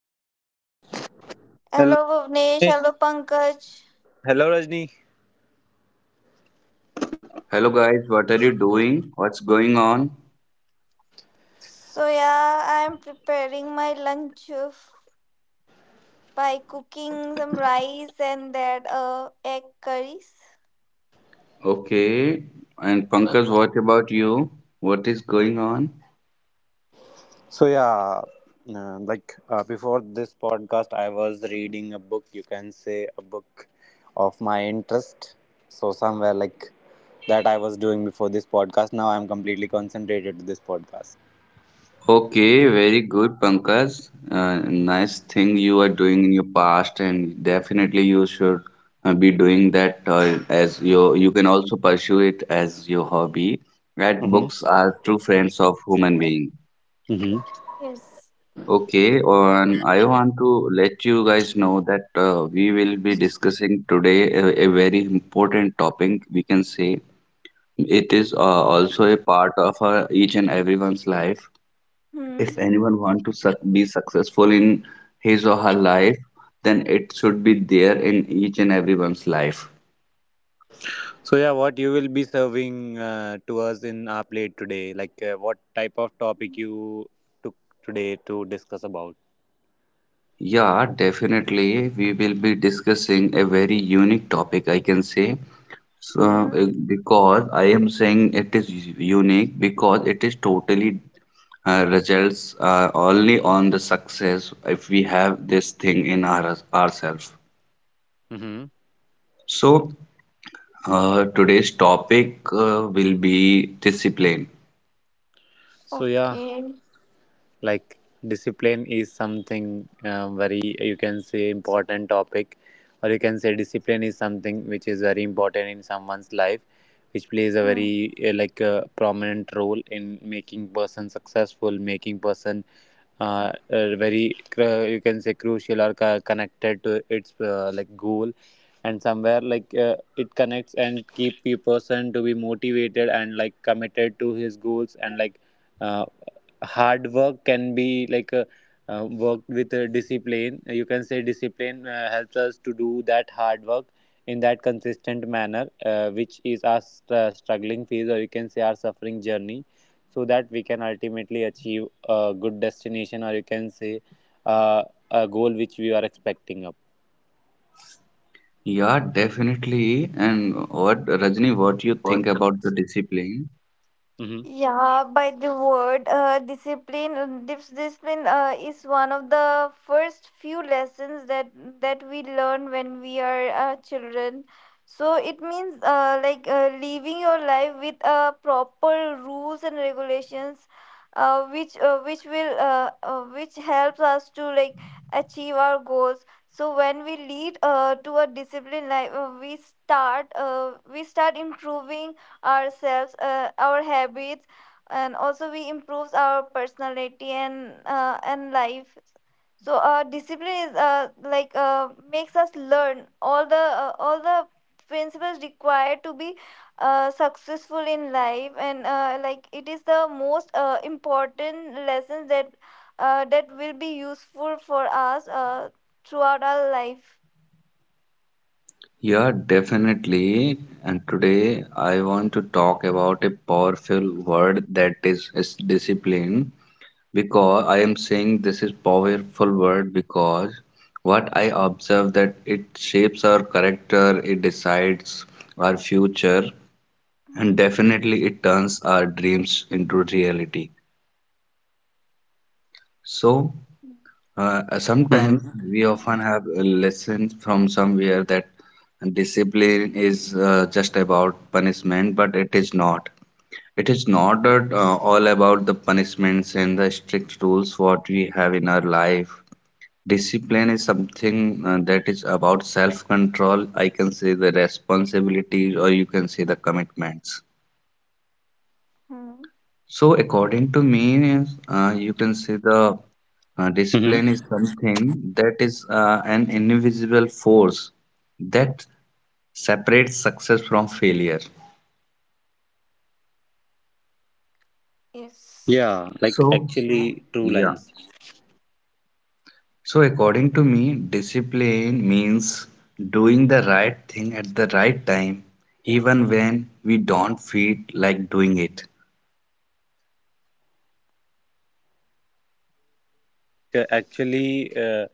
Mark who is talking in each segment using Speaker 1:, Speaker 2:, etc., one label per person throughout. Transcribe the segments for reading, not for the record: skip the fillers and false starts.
Speaker 1: episode.
Speaker 2: Hello
Speaker 3: Hello,
Speaker 2: Bhuvnesh,
Speaker 3: Nish.
Speaker 2: hello Pankaj.
Speaker 3: Hello, Rajni.
Speaker 1: Hello guys, what are you doing? What's going on?
Speaker 2: So yeah, I'm preparing my by cooking some rice and that egg curries.
Speaker 1: Okay, and Pankaj, what about you? What is going on?
Speaker 3: So yeah, before this podcast, I was reading a book. You can say a book of my interest. So somewhere like that, I was doing before this podcast. Now I'm completely concentrated to this podcast.
Speaker 1: Okay, very good, Pankaj. Uh, Nice thing you are doing in your past, and definitely you should be doing that as your. You can also pursue it as your hobby. That
Speaker 3: Mm-hmm.
Speaker 1: books are true friends of human being.
Speaker 3: Mm-hmm.
Speaker 2: Yes.
Speaker 1: Okay, and I want to let you guys know that we will be discussing today a very important topic. We can say it is also a part of our, each and everyone's life. If
Speaker 2: Hmm.
Speaker 1: anyone want to suc be successful in his or her life, then it should be there in each and everyone's life.
Speaker 3: So yeah, what you will be serving to us in our plate today? Like what type of topic you took today to discuss about?
Speaker 1: Yeah, definitely. We will be discussing a very unique topic, I can say. So,
Speaker 2: Hmm.
Speaker 1: because I am saying it is unique because it is totally results only on the success if we have this thing in our ourselves.
Speaker 3: Mm-hmm.
Speaker 1: So today's topic will be discipline.
Speaker 3: So yeah.
Speaker 2: Okay.
Speaker 3: Like discipline is something very you can say important topic, or you can say discipline is something which is very important in someone's life, which plays a
Speaker 2: Hmm.
Speaker 3: very prominent role in making person successful, making person very you can say crucial or connected to its like goal, and somewhere like it connects and keep a person to be motivated and like committed to his goals, and like uh, hard work can be like worked with discipline. You can say discipline helps us to do that hard work in that consistent manner, which is our struggling phase, or you can say our suffering journey, so that we can ultimately achieve a good destination, or you can say uh, a goal which we are expecting up.
Speaker 1: Yeah, definitely. And what Rajni, what you think about the discipline?
Speaker 3: Mm-hmm.
Speaker 2: Yeah, by the word discipline, discipline is one of the first few lessons that we learn when we are children. So it means living your life with proper rules and regulations, which will which helps us to achieve our goals. So when we lead to a disciplined life, we start improving ourselves, our habits, and also we improves our personality and life. So discipline is makes us learn all the principles required to be successful in life, and it is the most important lessons that will be useful for us throughout our life.
Speaker 1: Yeah, definitely. And today I want to talk about a powerful word that is discipline because I am saying this is powerful word because what I observe that it shapes our character, it decides our future, and
Speaker 2: Mhm.
Speaker 1: definitely it turns our dreams into reality. So sometimes
Speaker 3: Mm-hmm.
Speaker 1: we often have a lesson from somewhere that discipline is just about punishment, but it is not. It is not at, all about the punishments and the strict rules what we have in our life. Discipline is something that is about self-control. I can say the responsibilities, or you can say the commitments.
Speaker 2: Mhm.
Speaker 1: So, according to me, you can say the discipline is something that is an invisible force that separates success from failure.
Speaker 2: Yes.
Speaker 3: Yeah, like
Speaker 1: So,
Speaker 3: actually true
Speaker 1: yeah.
Speaker 3: lines.
Speaker 1: So, according to me, discipline means doing the right thing at the right time, even when we don't feel like doing it.
Speaker 3: So yes, like actually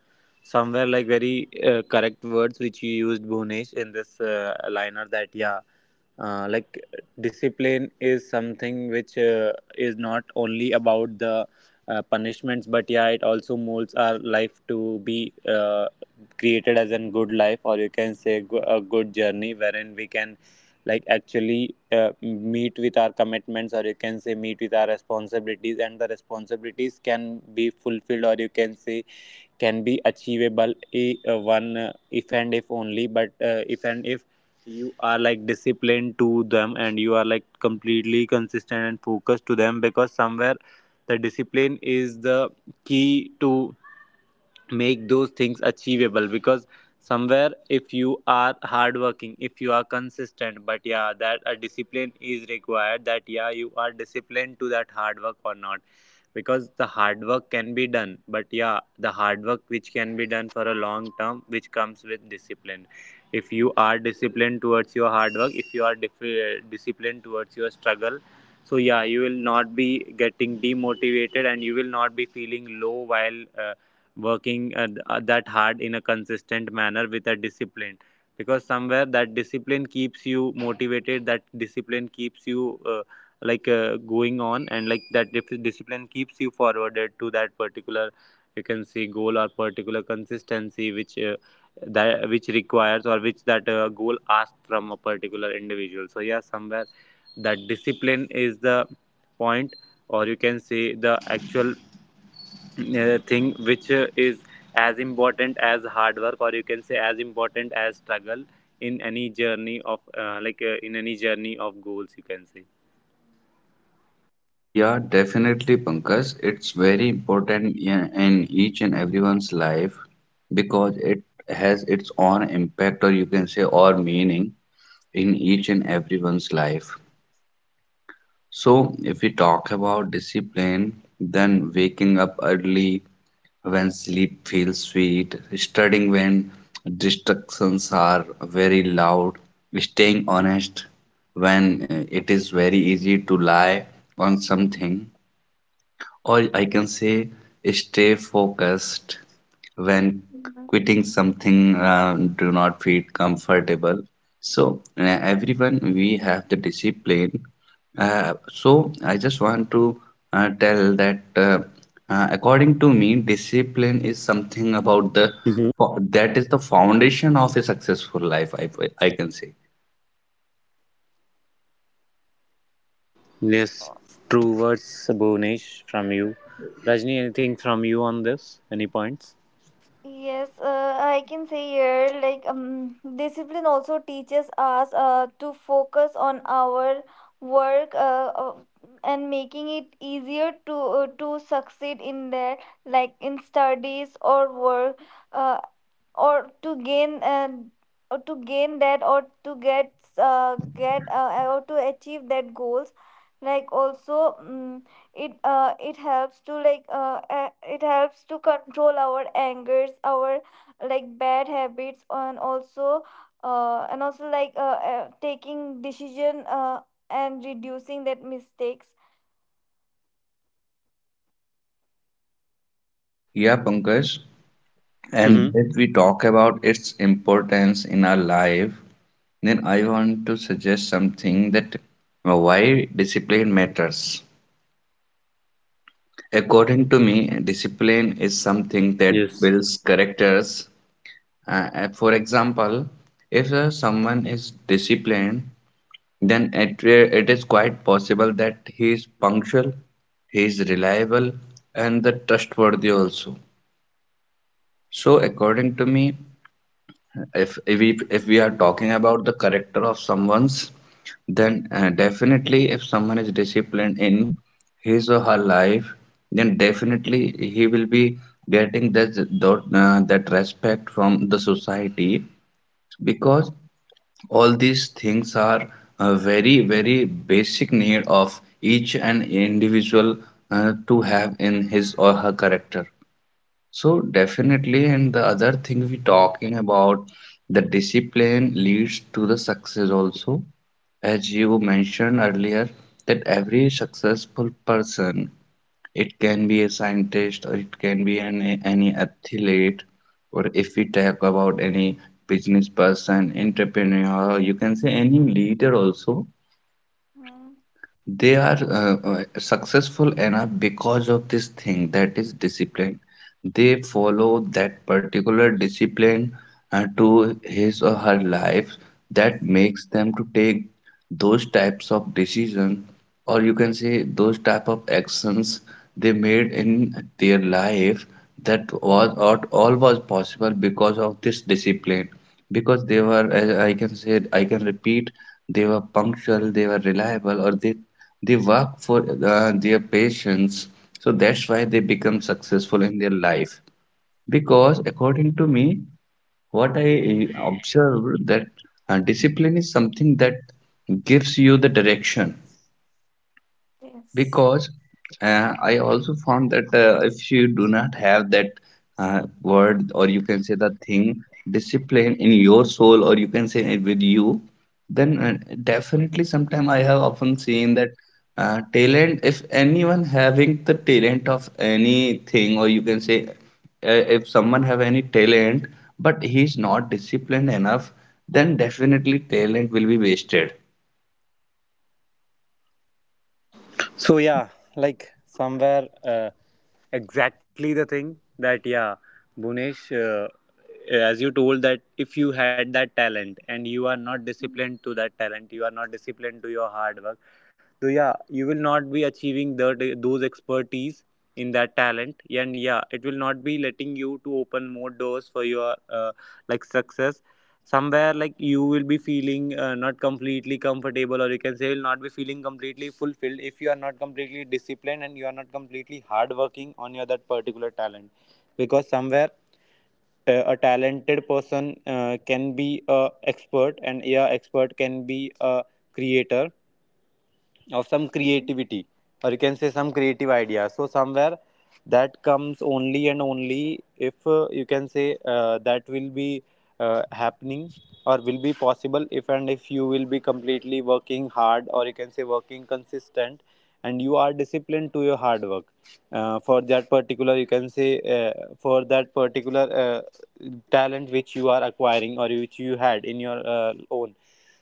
Speaker 3: somewhere like very correct words which you used, Bhunesh, in this liner, that yeah, like discipline is something which is not only about the punishments, but yeah, it also molds our life to be created as a good life, or you can say a good journey, wherein we can like actually meet with our commitments, or you can say meet with our responsibilities, and the responsibilities can be fulfilled, or you can say can be achievable. I- one If and if only, but if and if you are like disciplined to them and you are like completely consistent and focused to them, because somewhere the discipline is the key to make those things achievable. Because somewhere, if you are hardworking, if you are consistent, but yeah, that a discipline is required, that yeah, you are disciplined to that hard work or not. Because the hard work can be done, but yeah, the hard work which can be done for a long term, which comes with discipline. If you are disciplined towards your hard work, if you are disciplined towards your struggle, so yeah, you will not be getting demotivated and you will not be feeling low while working that hard in a consistent manner with a discipline, because somewhere that discipline keeps you motivated, that discipline keeps you going on, and like that discipline keeps you forwarded to that particular you can see goal or particular consistency which that which requires, or which that goal asks from a particular individual. So yeah, somewhere that discipline is the point, or you can say the actual thing which is as important as hard work, or you can say as important as struggle, in any journey of in any journey of goals, you can say.
Speaker 1: Yeah, definitely, Pankaj. It's very important in each and everyone's life because it has its own impact, or you can say, or meaning in each and everyone's life. So, if we talk about discipline, then waking up early when sleep feels sweet, studying when distractions are very loud, staying honest when it is very easy to lie on something, or I can say stay focused when
Speaker 2: Mhm.
Speaker 1: quitting something do not feel comfortable. So everyone we have the discipline. So I just want to tell that according to me, discipline is something about the
Speaker 3: Mhm.
Speaker 1: that is the foundation of a successful life. I can say.
Speaker 3: Yes, true words, Bhunesh, from you. Rajni, anything from you on this? Any points?
Speaker 2: Yes, I can say here like discipline also teaches us to focus on our work, and making it easier to succeed in that, like in studies or work. Uh, or to gain uh, or to gain that, or to achieve that goals, like also mm it it helps to it helps to control our angers, our like bad habits, and also taking decision, and reducing that mistakes.
Speaker 1: Yeah, Pankaj.
Speaker 3: Mhm.
Speaker 1: And if we talk about its importance in our life, then I want to suggest something that why discipline matters. According to me, discipline is something that
Speaker 3: Yes.
Speaker 1: builds characters. For example, if someone is disciplined, then it is quite possible that he is punctual, he is reliable, and the trustworthy also. So, according to me, if we are talking about the character of someone's, then definitely if someone is disciplined in his or her life, then definitely he will be getting that respect from the society, because all these things are a very basic need of each and individual to have in his or her character. So definitely, and the other thing we talking about, the discipline leads to the success also. As you
Speaker 2: Mhm.
Speaker 1: mentioned earlier, that every successful person, it can be a scientist or it can be any athlete, or if we talk about any business person, entrepreneur, you can say any leader also.
Speaker 2: Mhm.
Speaker 1: They are successful enough because of this thing that is discipline. They follow that particular discipline to his or her life that makes them to take those types of decisions, or you can say those type of actions they made in their life, that was or all was possible because of this discipline, because they were, as I can say, I can repeat, they were punctual, they were reliable, or they work for their patients. So that's why they become successful in their life, because according to me, what I observed that discipline is something that gives you the direction,
Speaker 2: Yes.
Speaker 1: because I also found that if you do not have that word, or you can say the thing discipline, in your soul or you can say it with you, then definitely sometime I have often seen that talent, if anyone having the talent of anything, or you can say if someone have any talent but he is not disciplined enough, then definitely talent will be wasted.
Speaker 3: So yeah, like somewhere exactly the thing, that yeah, Bunesh, as you told, that if you had that talent and you are not disciplined to that talent, you are not disciplined to your hard work, so yeah, you will not be achieving that those expertise in that talent, and yeah, it will not be letting you to open more doors for your like success. Somewhere like you will be feeling not completely comfortable, or you can say will not be feeling completely fulfilled, if you are not completely disciplined and you are not completely hardworking on your that particular talent, because somewhere. A talented person can be a expert, and yeah, expert can be a creator of some creativity, or you can say some creative idea. So somewhere that comes only and only if you can say that will be happening, or will be possible if and if you will be completely working hard, or you can say working consistent and you are disciplined to your hard work for that particular you can say for that particular talent which you are acquiring or which you had in your own.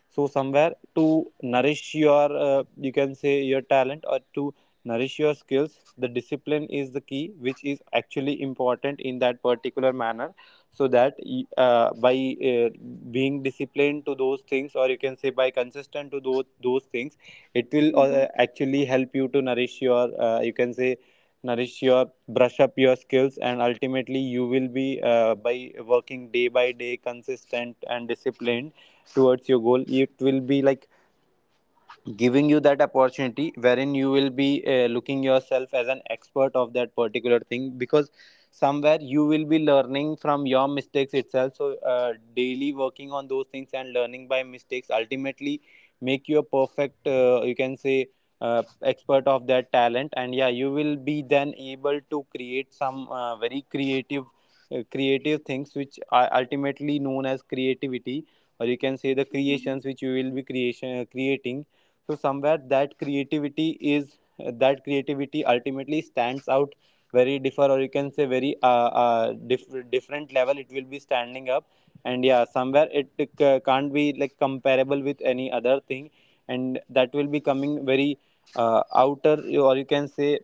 Speaker 3: So somewhere, to nourish your you can say your talent, or to nourish your skills, the discipline is the key which is actually important in that particular manner. So that by uh, being disciplined to those things, or you can say by consistent to those things, it will
Speaker 2: Mhm.
Speaker 3: actually help you to nourish your you can say nourish your, brush up your skills, and ultimately you will be by working day by day consistent and disciplined towards your goal, it will be like giving you that opportunity wherein you will be looking yourself as an expert of that particular thing, because somewhere you will be learning from your mistakes itself. So daily working on those things and learning by mistakes ultimately make you a perfect you can say expert of that talent, and yeah, you will be then able to create some very creative creative things which are ultimately known as creativity, or you can say the
Speaker 2: Mhm.
Speaker 3: creations which you will be creation creating. So somewhere that creativity is, that creativity ultimately stands out very differ, or you can say very different level it will be standing up, and yeah, somewhere it can't be like comparable with any other thing, and that will be coming very outer, or you can say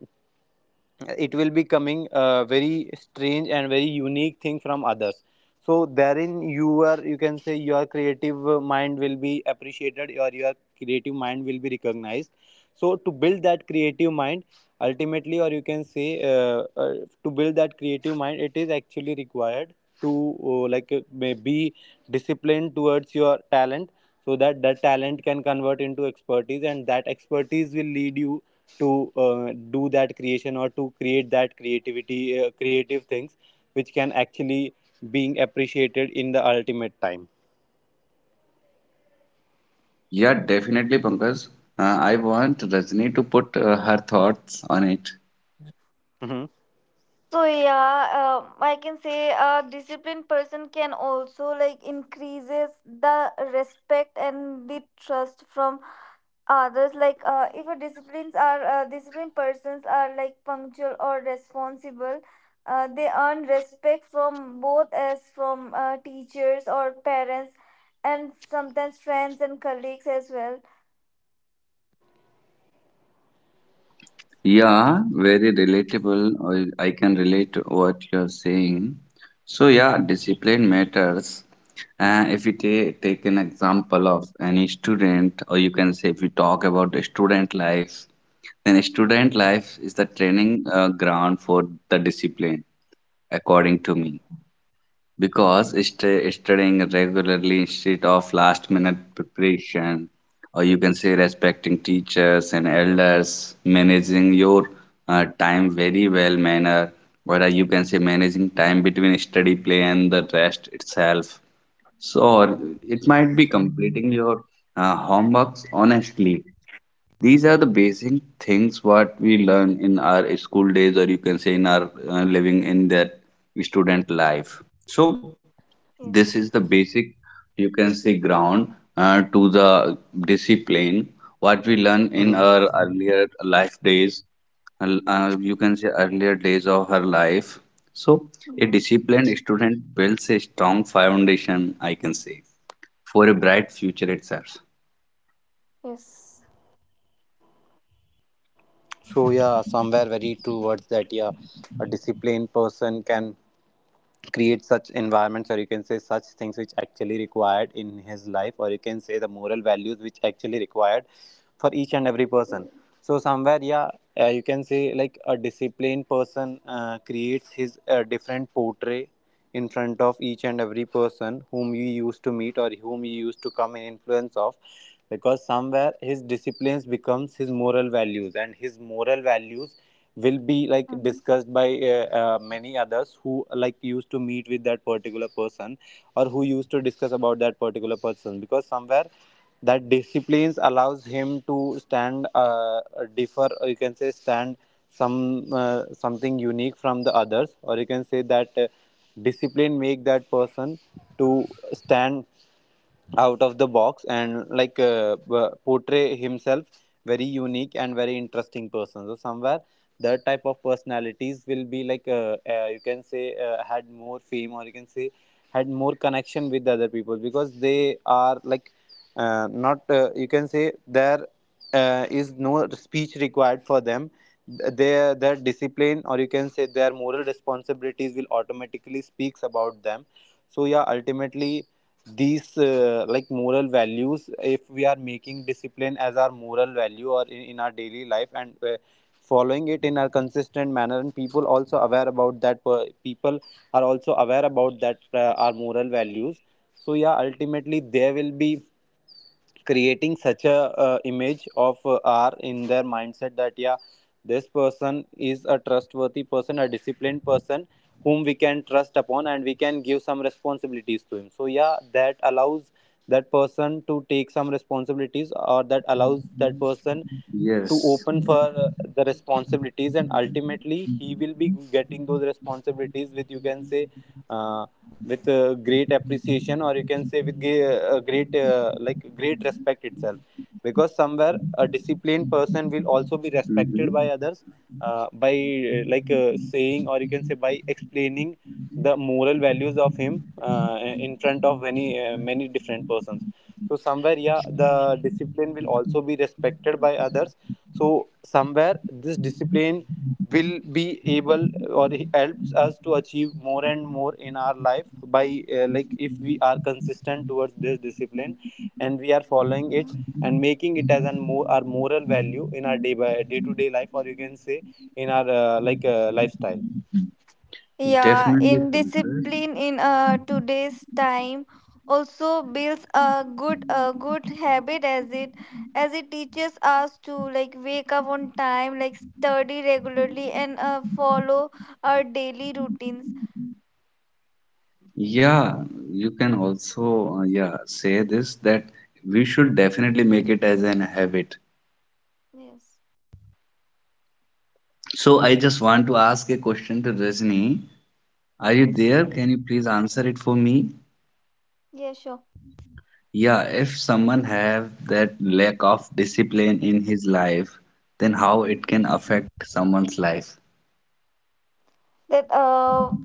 Speaker 3: it will be coming very strange and very unique thing from others. So therein you are, you can say your creative mind will be appreciated, or your creative mind will be recognized. So to
Speaker 2: Mhm.
Speaker 3: build that creative mind ultimately, or you can say to build that creative mind, it is actually required to may be disciplined towards your talent, so that that talent can convert into expertise, and that expertise will lead you to do that creation, or to create that creativity, creative things which can actually being appreciated in the ultimate time.
Speaker 1: Yeah, definitely, Pankaj. I want Rajni to put her thoughts on it.
Speaker 3: Hmm.
Speaker 2: So yeah, I can say a disciplined person can also like increases the respect and the trust from others. Like if a disciplines are disciplined persons are like punctual or responsible, they earn respect from both, as from teachers or parents, and sometimes friends and colleagues as well.
Speaker 1: Yeah, very relatable. I can relate to what you're saying. So, yeah,
Speaker 2: Mm-hmm.
Speaker 1: discipline matters. If we ta take an example of any student, or you can say if we talk about the student life, then student life is the training ground for the discipline, according to me. Because studying regularly instead of last minute preparation, or you can say respecting teachers and elders, managing your time very well manner, or you can say managing time between study, play and the rest itself, so or it might be completing your homeworks honestly. These are the basic things what we learn in our school days, or you can say in our living in that student life. So this is the
Speaker 2: Yes.
Speaker 1: basic, you can say, ground to the discipline, what we learn in our
Speaker 3: Hmm.
Speaker 1: earlier life days. You can say earlier days of her life. So, a
Speaker 2: Mhm.
Speaker 1: disciplined student builds a strong foundation, I can say, for a bright future itself.
Speaker 2: Yes.
Speaker 3: So yeah, somewhere very true words, that yeah, a disciplined person can create such environments, or you can say such things which actually required in his life, or you can say the moral values which actually required for each and every person. So somewhere, yeah, you can say like a disciplined person creates his different portrait in front of each and every person whom he used to meet, or whom he used to come in influence of, because somewhere his disciplines becomes his moral values, and his moral values will be like
Speaker 2: Um,
Speaker 3: discussed by many others who like used to meet with that particular person, or who used to discuss about that particular person, because somewhere that disciplines allows him to stand differ, or you can say stand some something unique from the others, or you can say that discipline make that person to stand out of the box and like portray himself very unique and very interesting person. So somewhere that type of personalities will be like you can say had more fame, or you can say had more connection with the other people, because they are like not you can say there is no speech required for them. Their discipline, or you can say their moral responsibilities will automatically speaks about them. So yeah, ultimately these like moral values, if we are making discipline as our moral value or in our daily life, and following it in a consistent manner, and people also aware about that, people are also aware about that, our moral values. So yeah, ultimately they will be creating such a image of r in their mindset, that yeah, this person is a trustworthy person, a disciplined person whom we can trust upon and we can give some responsibilities to him. So yeah, that allows that person to take some responsibilities, or that allows that person to
Speaker 1: Yes.
Speaker 3: open for the responsibilities, and ultimately he will be getting those responsibilities with, you can say uh, with great appreciation, or you can say with great like great respect itself, because somewhere a disciplined person will also be respected
Speaker 1: Mhm.
Speaker 3: by others, by like saying, or you can say by explaining the moral values of him in front of many many different persons. So somewhere, yeah, the discipline will also be respected by others. So somewhere this discipline will be able or helps us to achieve more and more in our life by like if we are consistent towards this discipline, and we are following it
Speaker 2: mhm.
Speaker 3: and making it as an more our moral value in our day by day to day life, or you can say in our lifestyle.
Speaker 2: Yeah,
Speaker 1: Definitely, Pankaj.
Speaker 2: indiscipline in today's time also builds a good habit, as it teaches us to like wake up on time, like study regularly, and follow our daily routines.
Speaker 1: Yeah, you can also yeah, say this that we should definitely make it as an habit.
Speaker 2: Yes.
Speaker 1: So I just want to ask a question to Rajni. Are you
Speaker 2: Yes.
Speaker 1: there? Can you please answer it for me?
Speaker 2: Yeah, sure.
Speaker 1: Yeah, if someone have that lack of discipline in his life, then how it can affect someone's life?
Speaker 2: That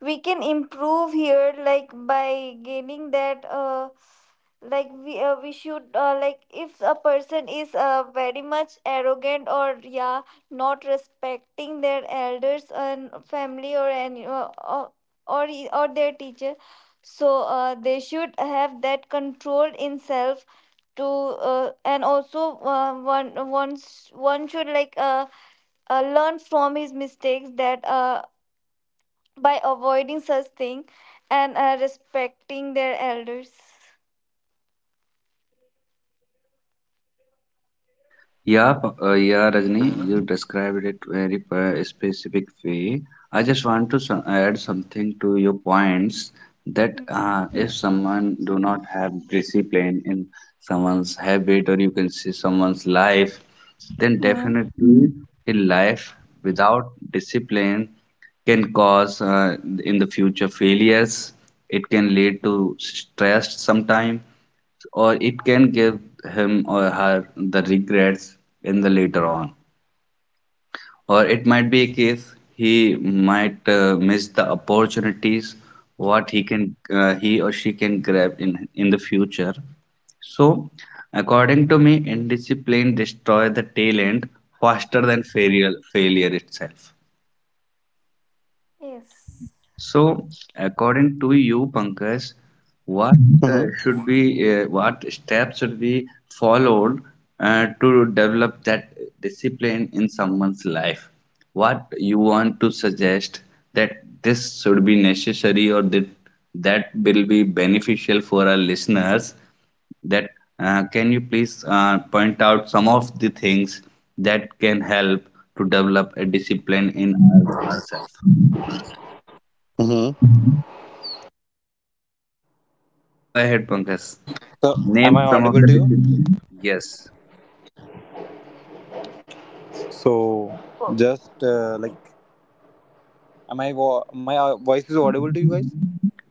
Speaker 2: we can improve here, like by gaining that like we should, like if a person is very much arrogant, or yeah, not respecting their elders and family, or any or e, or their teacher, so they should have that control in self to and also one, once one should learn from his mistakes, that by avoiding such thing and respecting their elders.
Speaker 1: Yeah, yeah, Rajni, you described it very specific way. I just want to add something to your points that
Speaker 2: Mm.
Speaker 1: if someone do not have discipline in someone's habit, or you can say someone's life, then
Speaker 2: Mm.
Speaker 1: definitely a life without discipline can cause in the future failures. It can lead to stress sometime, or it can give him or her the regrets in the later on, or it might be a case he might miss the opportunities what he can he or she can grab in the future. So according to me, indiscipline destroy the talent faster than failure itself.
Speaker 2: Yes.
Speaker 1: So, according to you, Pankaj, what should
Speaker 3: Mm-hmm.
Speaker 1: be what steps should be followed to develop that discipline in someone's life? What you want to suggest that this should be necessary, or that that will be beneficial for our listeners? That can you please point out some of the things that can help to develop a discipline in our, ourselves?
Speaker 3: Mm-hmm.
Speaker 1: Yeah, go ahead, Pankaj.
Speaker 3: So am I
Speaker 1: Name some of
Speaker 3: audible
Speaker 1: the
Speaker 3: to you?
Speaker 1: disciplines. Yes.
Speaker 3: So
Speaker 2: Oh.
Speaker 3: just like, am I my voice is audible to you guys?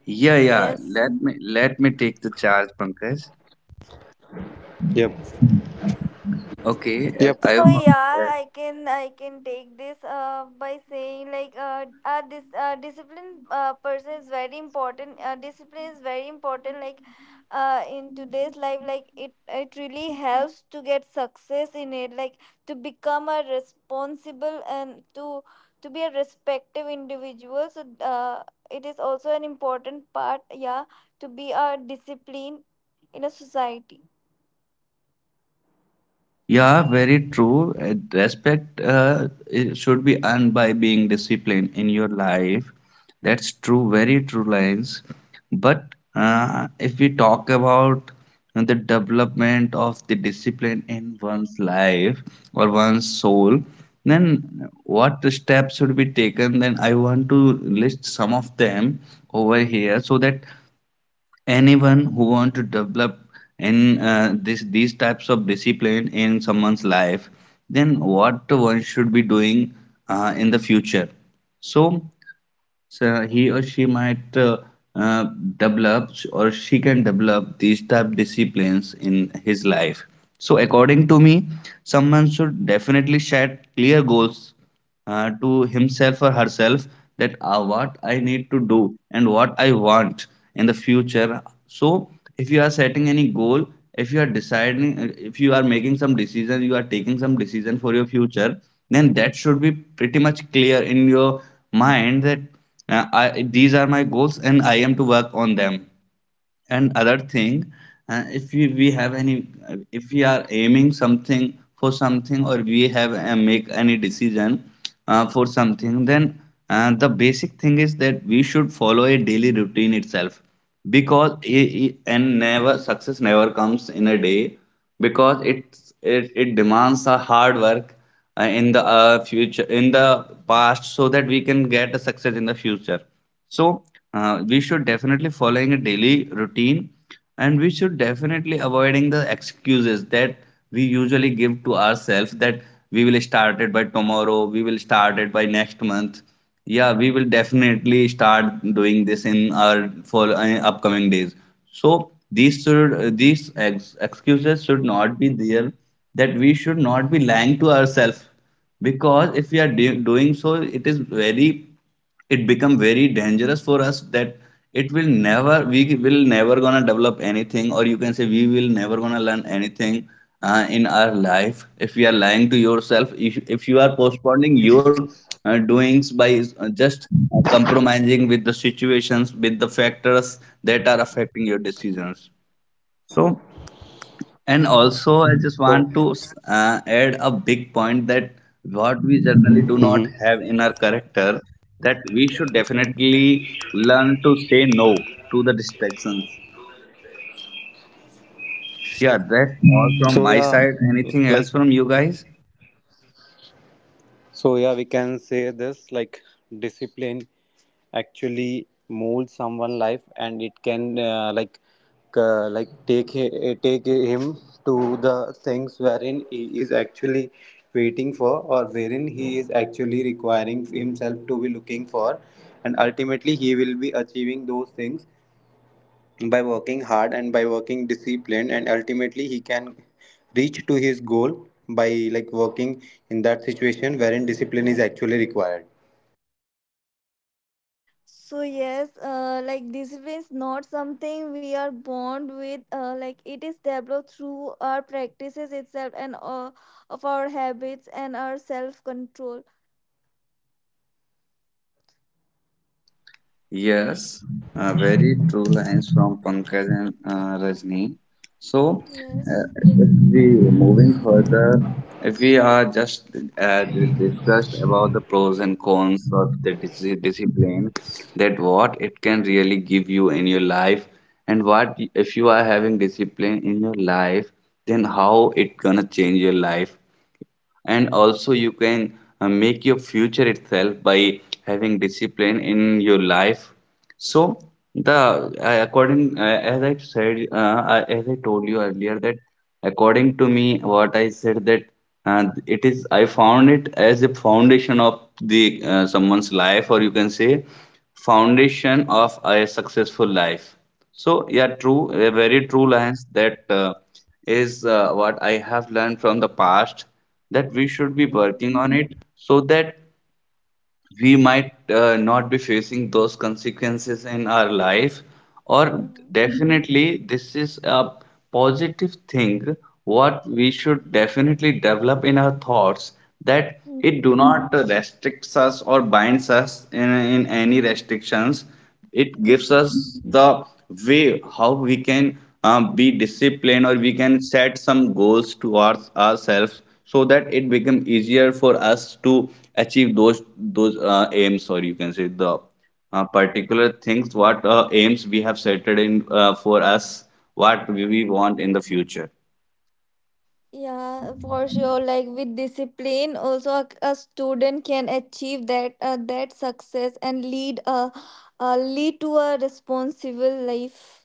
Speaker 1: Yeah, yeah.
Speaker 2: Yes.
Speaker 1: Let me take the charge, Pankaj.
Speaker 3: Yep.
Speaker 1: Okay,
Speaker 3: Yep.
Speaker 2: So yeah, I can take this by saying like this discipline person is very important. Discipline is very important. Like in today's life, like it really helps to get success in it. Like to become a responsible and to be a respective individual. So it is also an important part. Yeah, to be a discipline in a society.
Speaker 1: Yeah, very true. And respect it should be earned by being disciplined in your life. That's true, very true lines. But if we talk about the development of the discipline in one's life or one's soul, then what steps should be taken? Then I want to list some of them over here, so that anyone who want to develop in this these types of discipline in someone's life, then what one should be doing in the future, so so he or she might uh, develop, or she can develop these type disciplines in his life. So according to me, someone should definitely set clear goals to himself or herself, that what I need to do and what I want in the future. So if you are setting any goal, if you are deciding, if you are making some decision, you are taking some decision for your future, then that should be pretty much clear in your mind that these are my goals and I am to work on them. And other thing, if we have any, if we are aiming something for something, or we have make any decision for something, then the basic thing is that we should follow a daily routine itself, because I- and never success never comes in a day, because it demands a hard work in the future, in the past, so that we can get a success in the future. So we should definitely following a daily routine, and we should definitely avoiding the excuses that we usually give to ourselves, that we will start it by tomorrow, we will start it by next month. Yeah, we will definitely start doing this in our for upcoming days. So these should these ex excuses should not be there. That we should not be lying to ourselves, because if we are do doing so, it is very, it become very dangerous for us, that it will never, we will never gonna develop anything, or you can say we will never gonna learn anything in our life, if we are lying to yourself, if you are postponing your doings by just compromising with the situations, with the factors that are affecting your decisions. So and also, I just want
Speaker 3: So.
Speaker 1: to add a big point that what we generally do not
Speaker 3: Mm-hmm.
Speaker 1: have in our character, that we should definitely learn to say no to the distractions. Yeah, that's all from
Speaker 3: So
Speaker 1: my
Speaker 3: yeah,
Speaker 1: side. Anything else
Speaker 3: like.
Speaker 1: from you guys?
Speaker 3: So yeah, we can say this, like discipline actually molds someone life, and it can like take take him to the things wherein he is actually waiting for, or wherein he is actually requiring himself to be looking for, and ultimately he will be achieving those things by working hard and by working disciplined, and ultimately he can reach to his goal by like working in that situation wherein discipline is actually required.
Speaker 2: So yes, like discipline is not something we are born with. Like it is developed through our practices itself and of our habits and our self control.
Speaker 1: Yes, very true lines from Pankaj and Rajni. So,
Speaker 2: Yes.
Speaker 1: if we moving further, if we are just discussed about the pros and cons of the discipline, that what it can really give you in your life, and what if you are having discipline in your life, then how it gonna change your life, and also you can make your future itself by having discipline in your life. So the according as I said I- as I told you earlier that according to me what I said, that it is, I found it as a foundation of the someone's life, or you can say foundation of a successful life. So, yeah, true, a very true lines that is what I have learned from the past, that we should be working
Speaker 2: Mhm.
Speaker 1: on it, so that we might not be facing those consequences in our life, or
Speaker 2: Mhm.
Speaker 1: definitely this is a positive thing what we should definitely develop in our thoughts, that it
Speaker 2: Mhm.
Speaker 1: do not restricts us or binds us in any restrictions. It gives
Speaker 2: Mhm.
Speaker 1: us the way how we can be disciplined, or we can set some goals towards ourselves, so that it become easier for us to achieve those aims, or you can say the particular things what aims we have set in for us, what we want in the future.
Speaker 2: Yeah, for sure. Like with discipline, also a student can achieve that, that success and lead a, lead to a responsible life.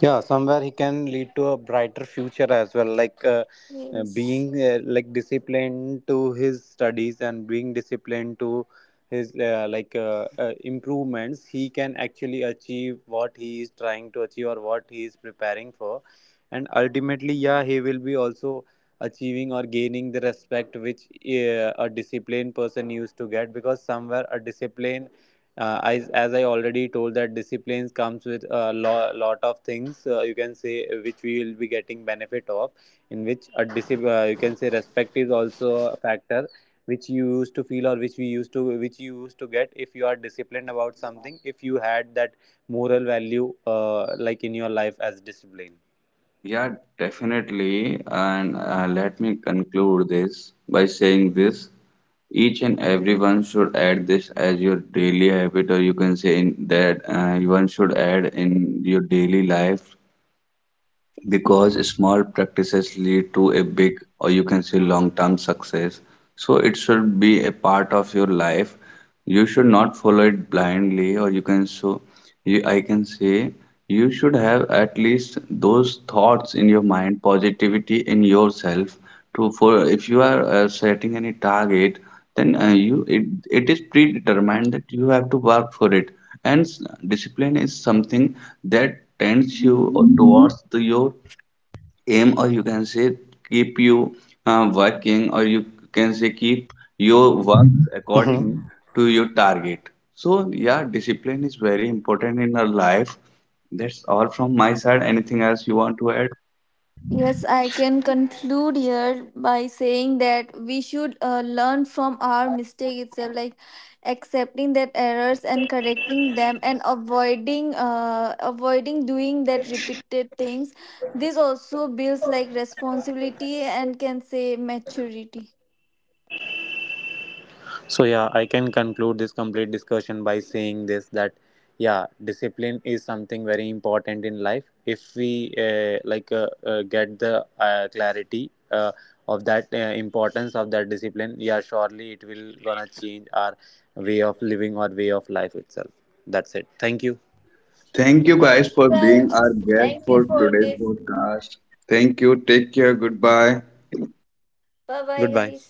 Speaker 3: Yeah, somewhere he can lead to a brighter future as well, like
Speaker 2: Yes.
Speaker 3: being like disciplined to his studies, and being disciplined to his improvements, he can actually achieve what he is trying to achieve, or what he is preparing for. And ultimately, yeah, he will be also achieving or gaining the respect which a disciplined person used to get, because somewhere a discipline, as I already told, that disciplines comes with a lot of things, you can say which we will be getting benefit of, in which a discipline, you can say respect is also a factor which you used to feel, or which we used to, which you used to get if you are disciplined about something, if you had that moral value like in your life as discipline.
Speaker 1: Yeah, definitely. And let me conclude this by saying this. Each and everyone should add this as your daily habit, or you can say in that one should add in your daily life, because small practices lead to a big, or you can say long term success. So it should be a part of your life, you should not follow it blindly, or you can so you, I can say you should have at least those thoughts in your mind, positivity in yourself, to for, if you are setting any target, then it is predetermined that you have to work for it. And discipline is something that tends you
Speaker 2: Hmm.
Speaker 1: towards your aim, or you can say keep you working, or you can say keep your work according to your target. So yeah, discipline is very important in our life. That's all from my side, anything else you want to add?
Speaker 2: Yes, I can conclude here by saying that we should learn from our mistake itself, like accepting that errors and correcting them, and avoiding doing that repeated things. This also builds like responsibility and can say maturity.
Speaker 3: So yeah, I can conclude this complete discussion by saying this, that yeah, discipline is something very important in life. If we get the clarity of that importance of that discipline, yeah, surely it will gonna change our way of living or way of life itself. That's it. Thank you.
Speaker 1: Thank you guys
Speaker 2: Thank you
Speaker 1: for being our
Speaker 2: guys.
Speaker 1: guest
Speaker 2: Thank you
Speaker 1: for
Speaker 2: for
Speaker 1: today's
Speaker 2: this.
Speaker 1: podcast. Thank you, take care, goodbye.
Speaker 2: Bye bye
Speaker 3: Goodbye.
Speaker 2: guys.